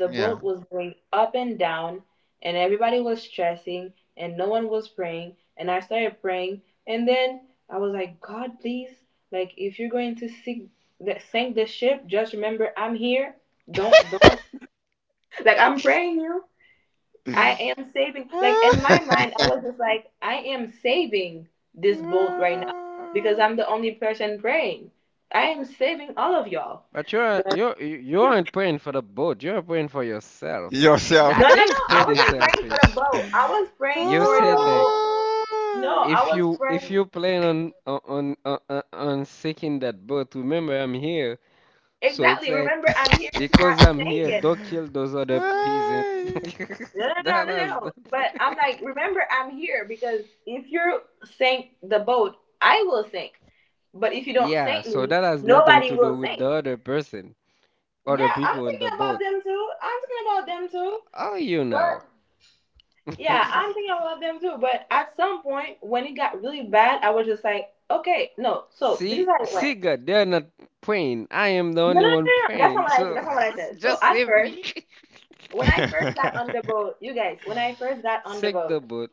Speaker 1: Yeah.
Speaker 2: but you aren't praying for the boat. You're praying for yourself.
Speaker 1: Yourself.
Speaker 2: That is pretty selfish. You said like if you, if you plan on on seeking that boat, remember I'm here. So it's like because I'm here, don't kill those other peasant. That has nothing. Yeah, so that has nothing to do with the other person, other people in the boat. Oh, you know. See, see, God, they're not praying. I am the only one praying. So just save me. Sink the boat.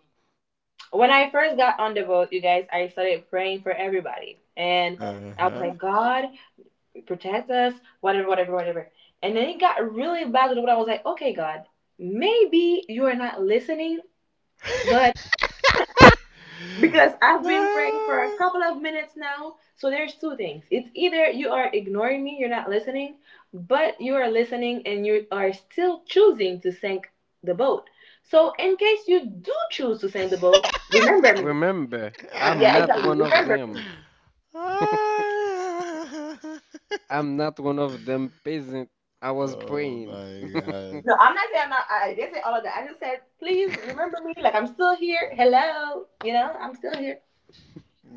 Speaker 1: Uh-huh. Oh
Speaker 2: Remember, I'm not one of them. I'm not one of them peasant. I was praying.
Speaker 1: my god.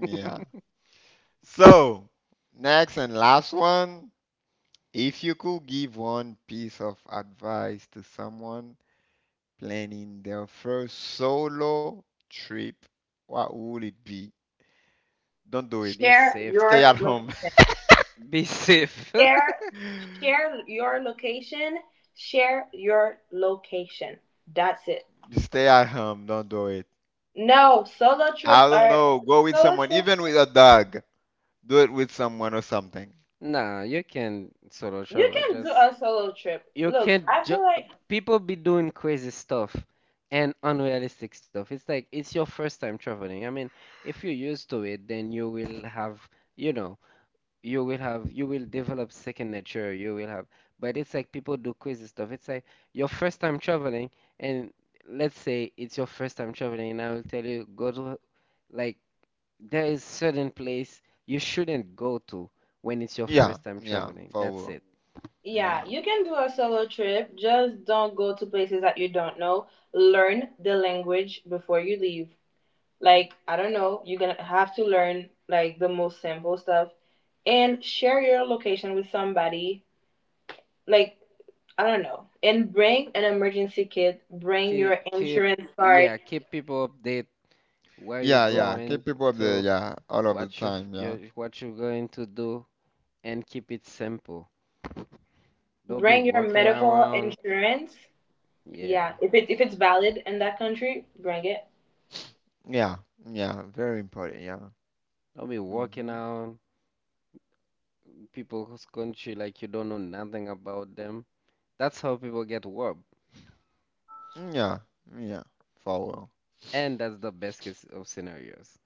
Speaker 1: Yeah. So, next and last one. If you could give one piece of advice to someone planning their first solo trip, what would it be? Don't do it.
Speaker 2: Be safe.
Speaker 1: Stay at home.
Speaker 2: Be safe.
Speaker 1: Stay at home. Don't do it. I don't know. Go with someone, even with a dog. Do it with someone or something.
Speaker 2: Nah, you can solo travel. Just you can't. People be doing crazy stuff and unrealistic stuff. It's like it's your first time traveling. I mean, if you're used to it, then you will have, you know, you will develop second nature. You will have, but it's like people do crazy stuff. It's like your first time traveling, and let's say it's your first time traveling, and I will tell you go to like there is certain place you shouldn't go to when it's your
Speaker 1: Yeah,
Speaker 2: first time
Speaker 1: yeah,
Speaker 2: traveling.
Speaker 1: for
Speaker 2: That's it.
Speaker 1: real. Yeah,
Speaker 2: Keep, yeah, keep people update where you're
Speaker 1: yeah.
Speaker 2: going
Speaker 1: Keep people up there.
Speaker 2: to,
Speaker 1: Yeah, all of the time. Yeah,
Speaker 2: what you're going to do, and keep it simple. Don't be walking around. Yeah,
Speaker 1: yeah, yeah. Very important. Yeah.
Speaker 2: don't be walking
Speaker 1: Hmm.
Speaker 2: around people's country like you don't know nothing about them. That's how people get warped,
Speaker 1: Yeah, yeah, for real.
Speaker 2: and that's the best case of scenarios.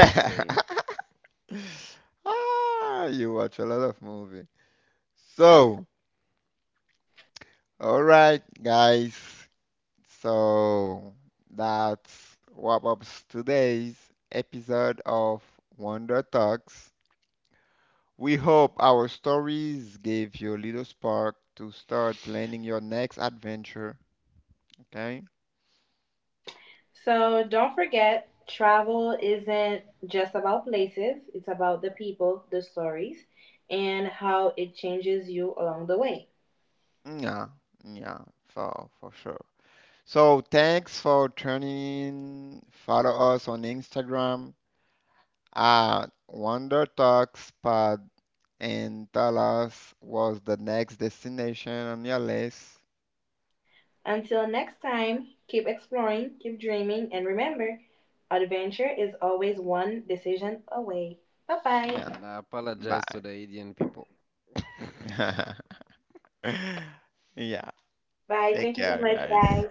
Speaker 2: Just saying.
Speaker 1: Ah, you watch a lot of movie. So, all right, guys. So that's wrap up today's episode of Wonder Talks. We hope our stories gave you a little spark to start planning your next adventure. Okay? Yeah, yeah, for sure. So thanks for tuning in. Follow us on Instagram at Wonder Talks Pod and tell us what's the next destination on your list. Yeah,
Speaker 2: And I apologize to
Speaker 1: bye.
Speaker 2: the Indian people.
Speaker 1: Yeah, take care, guys.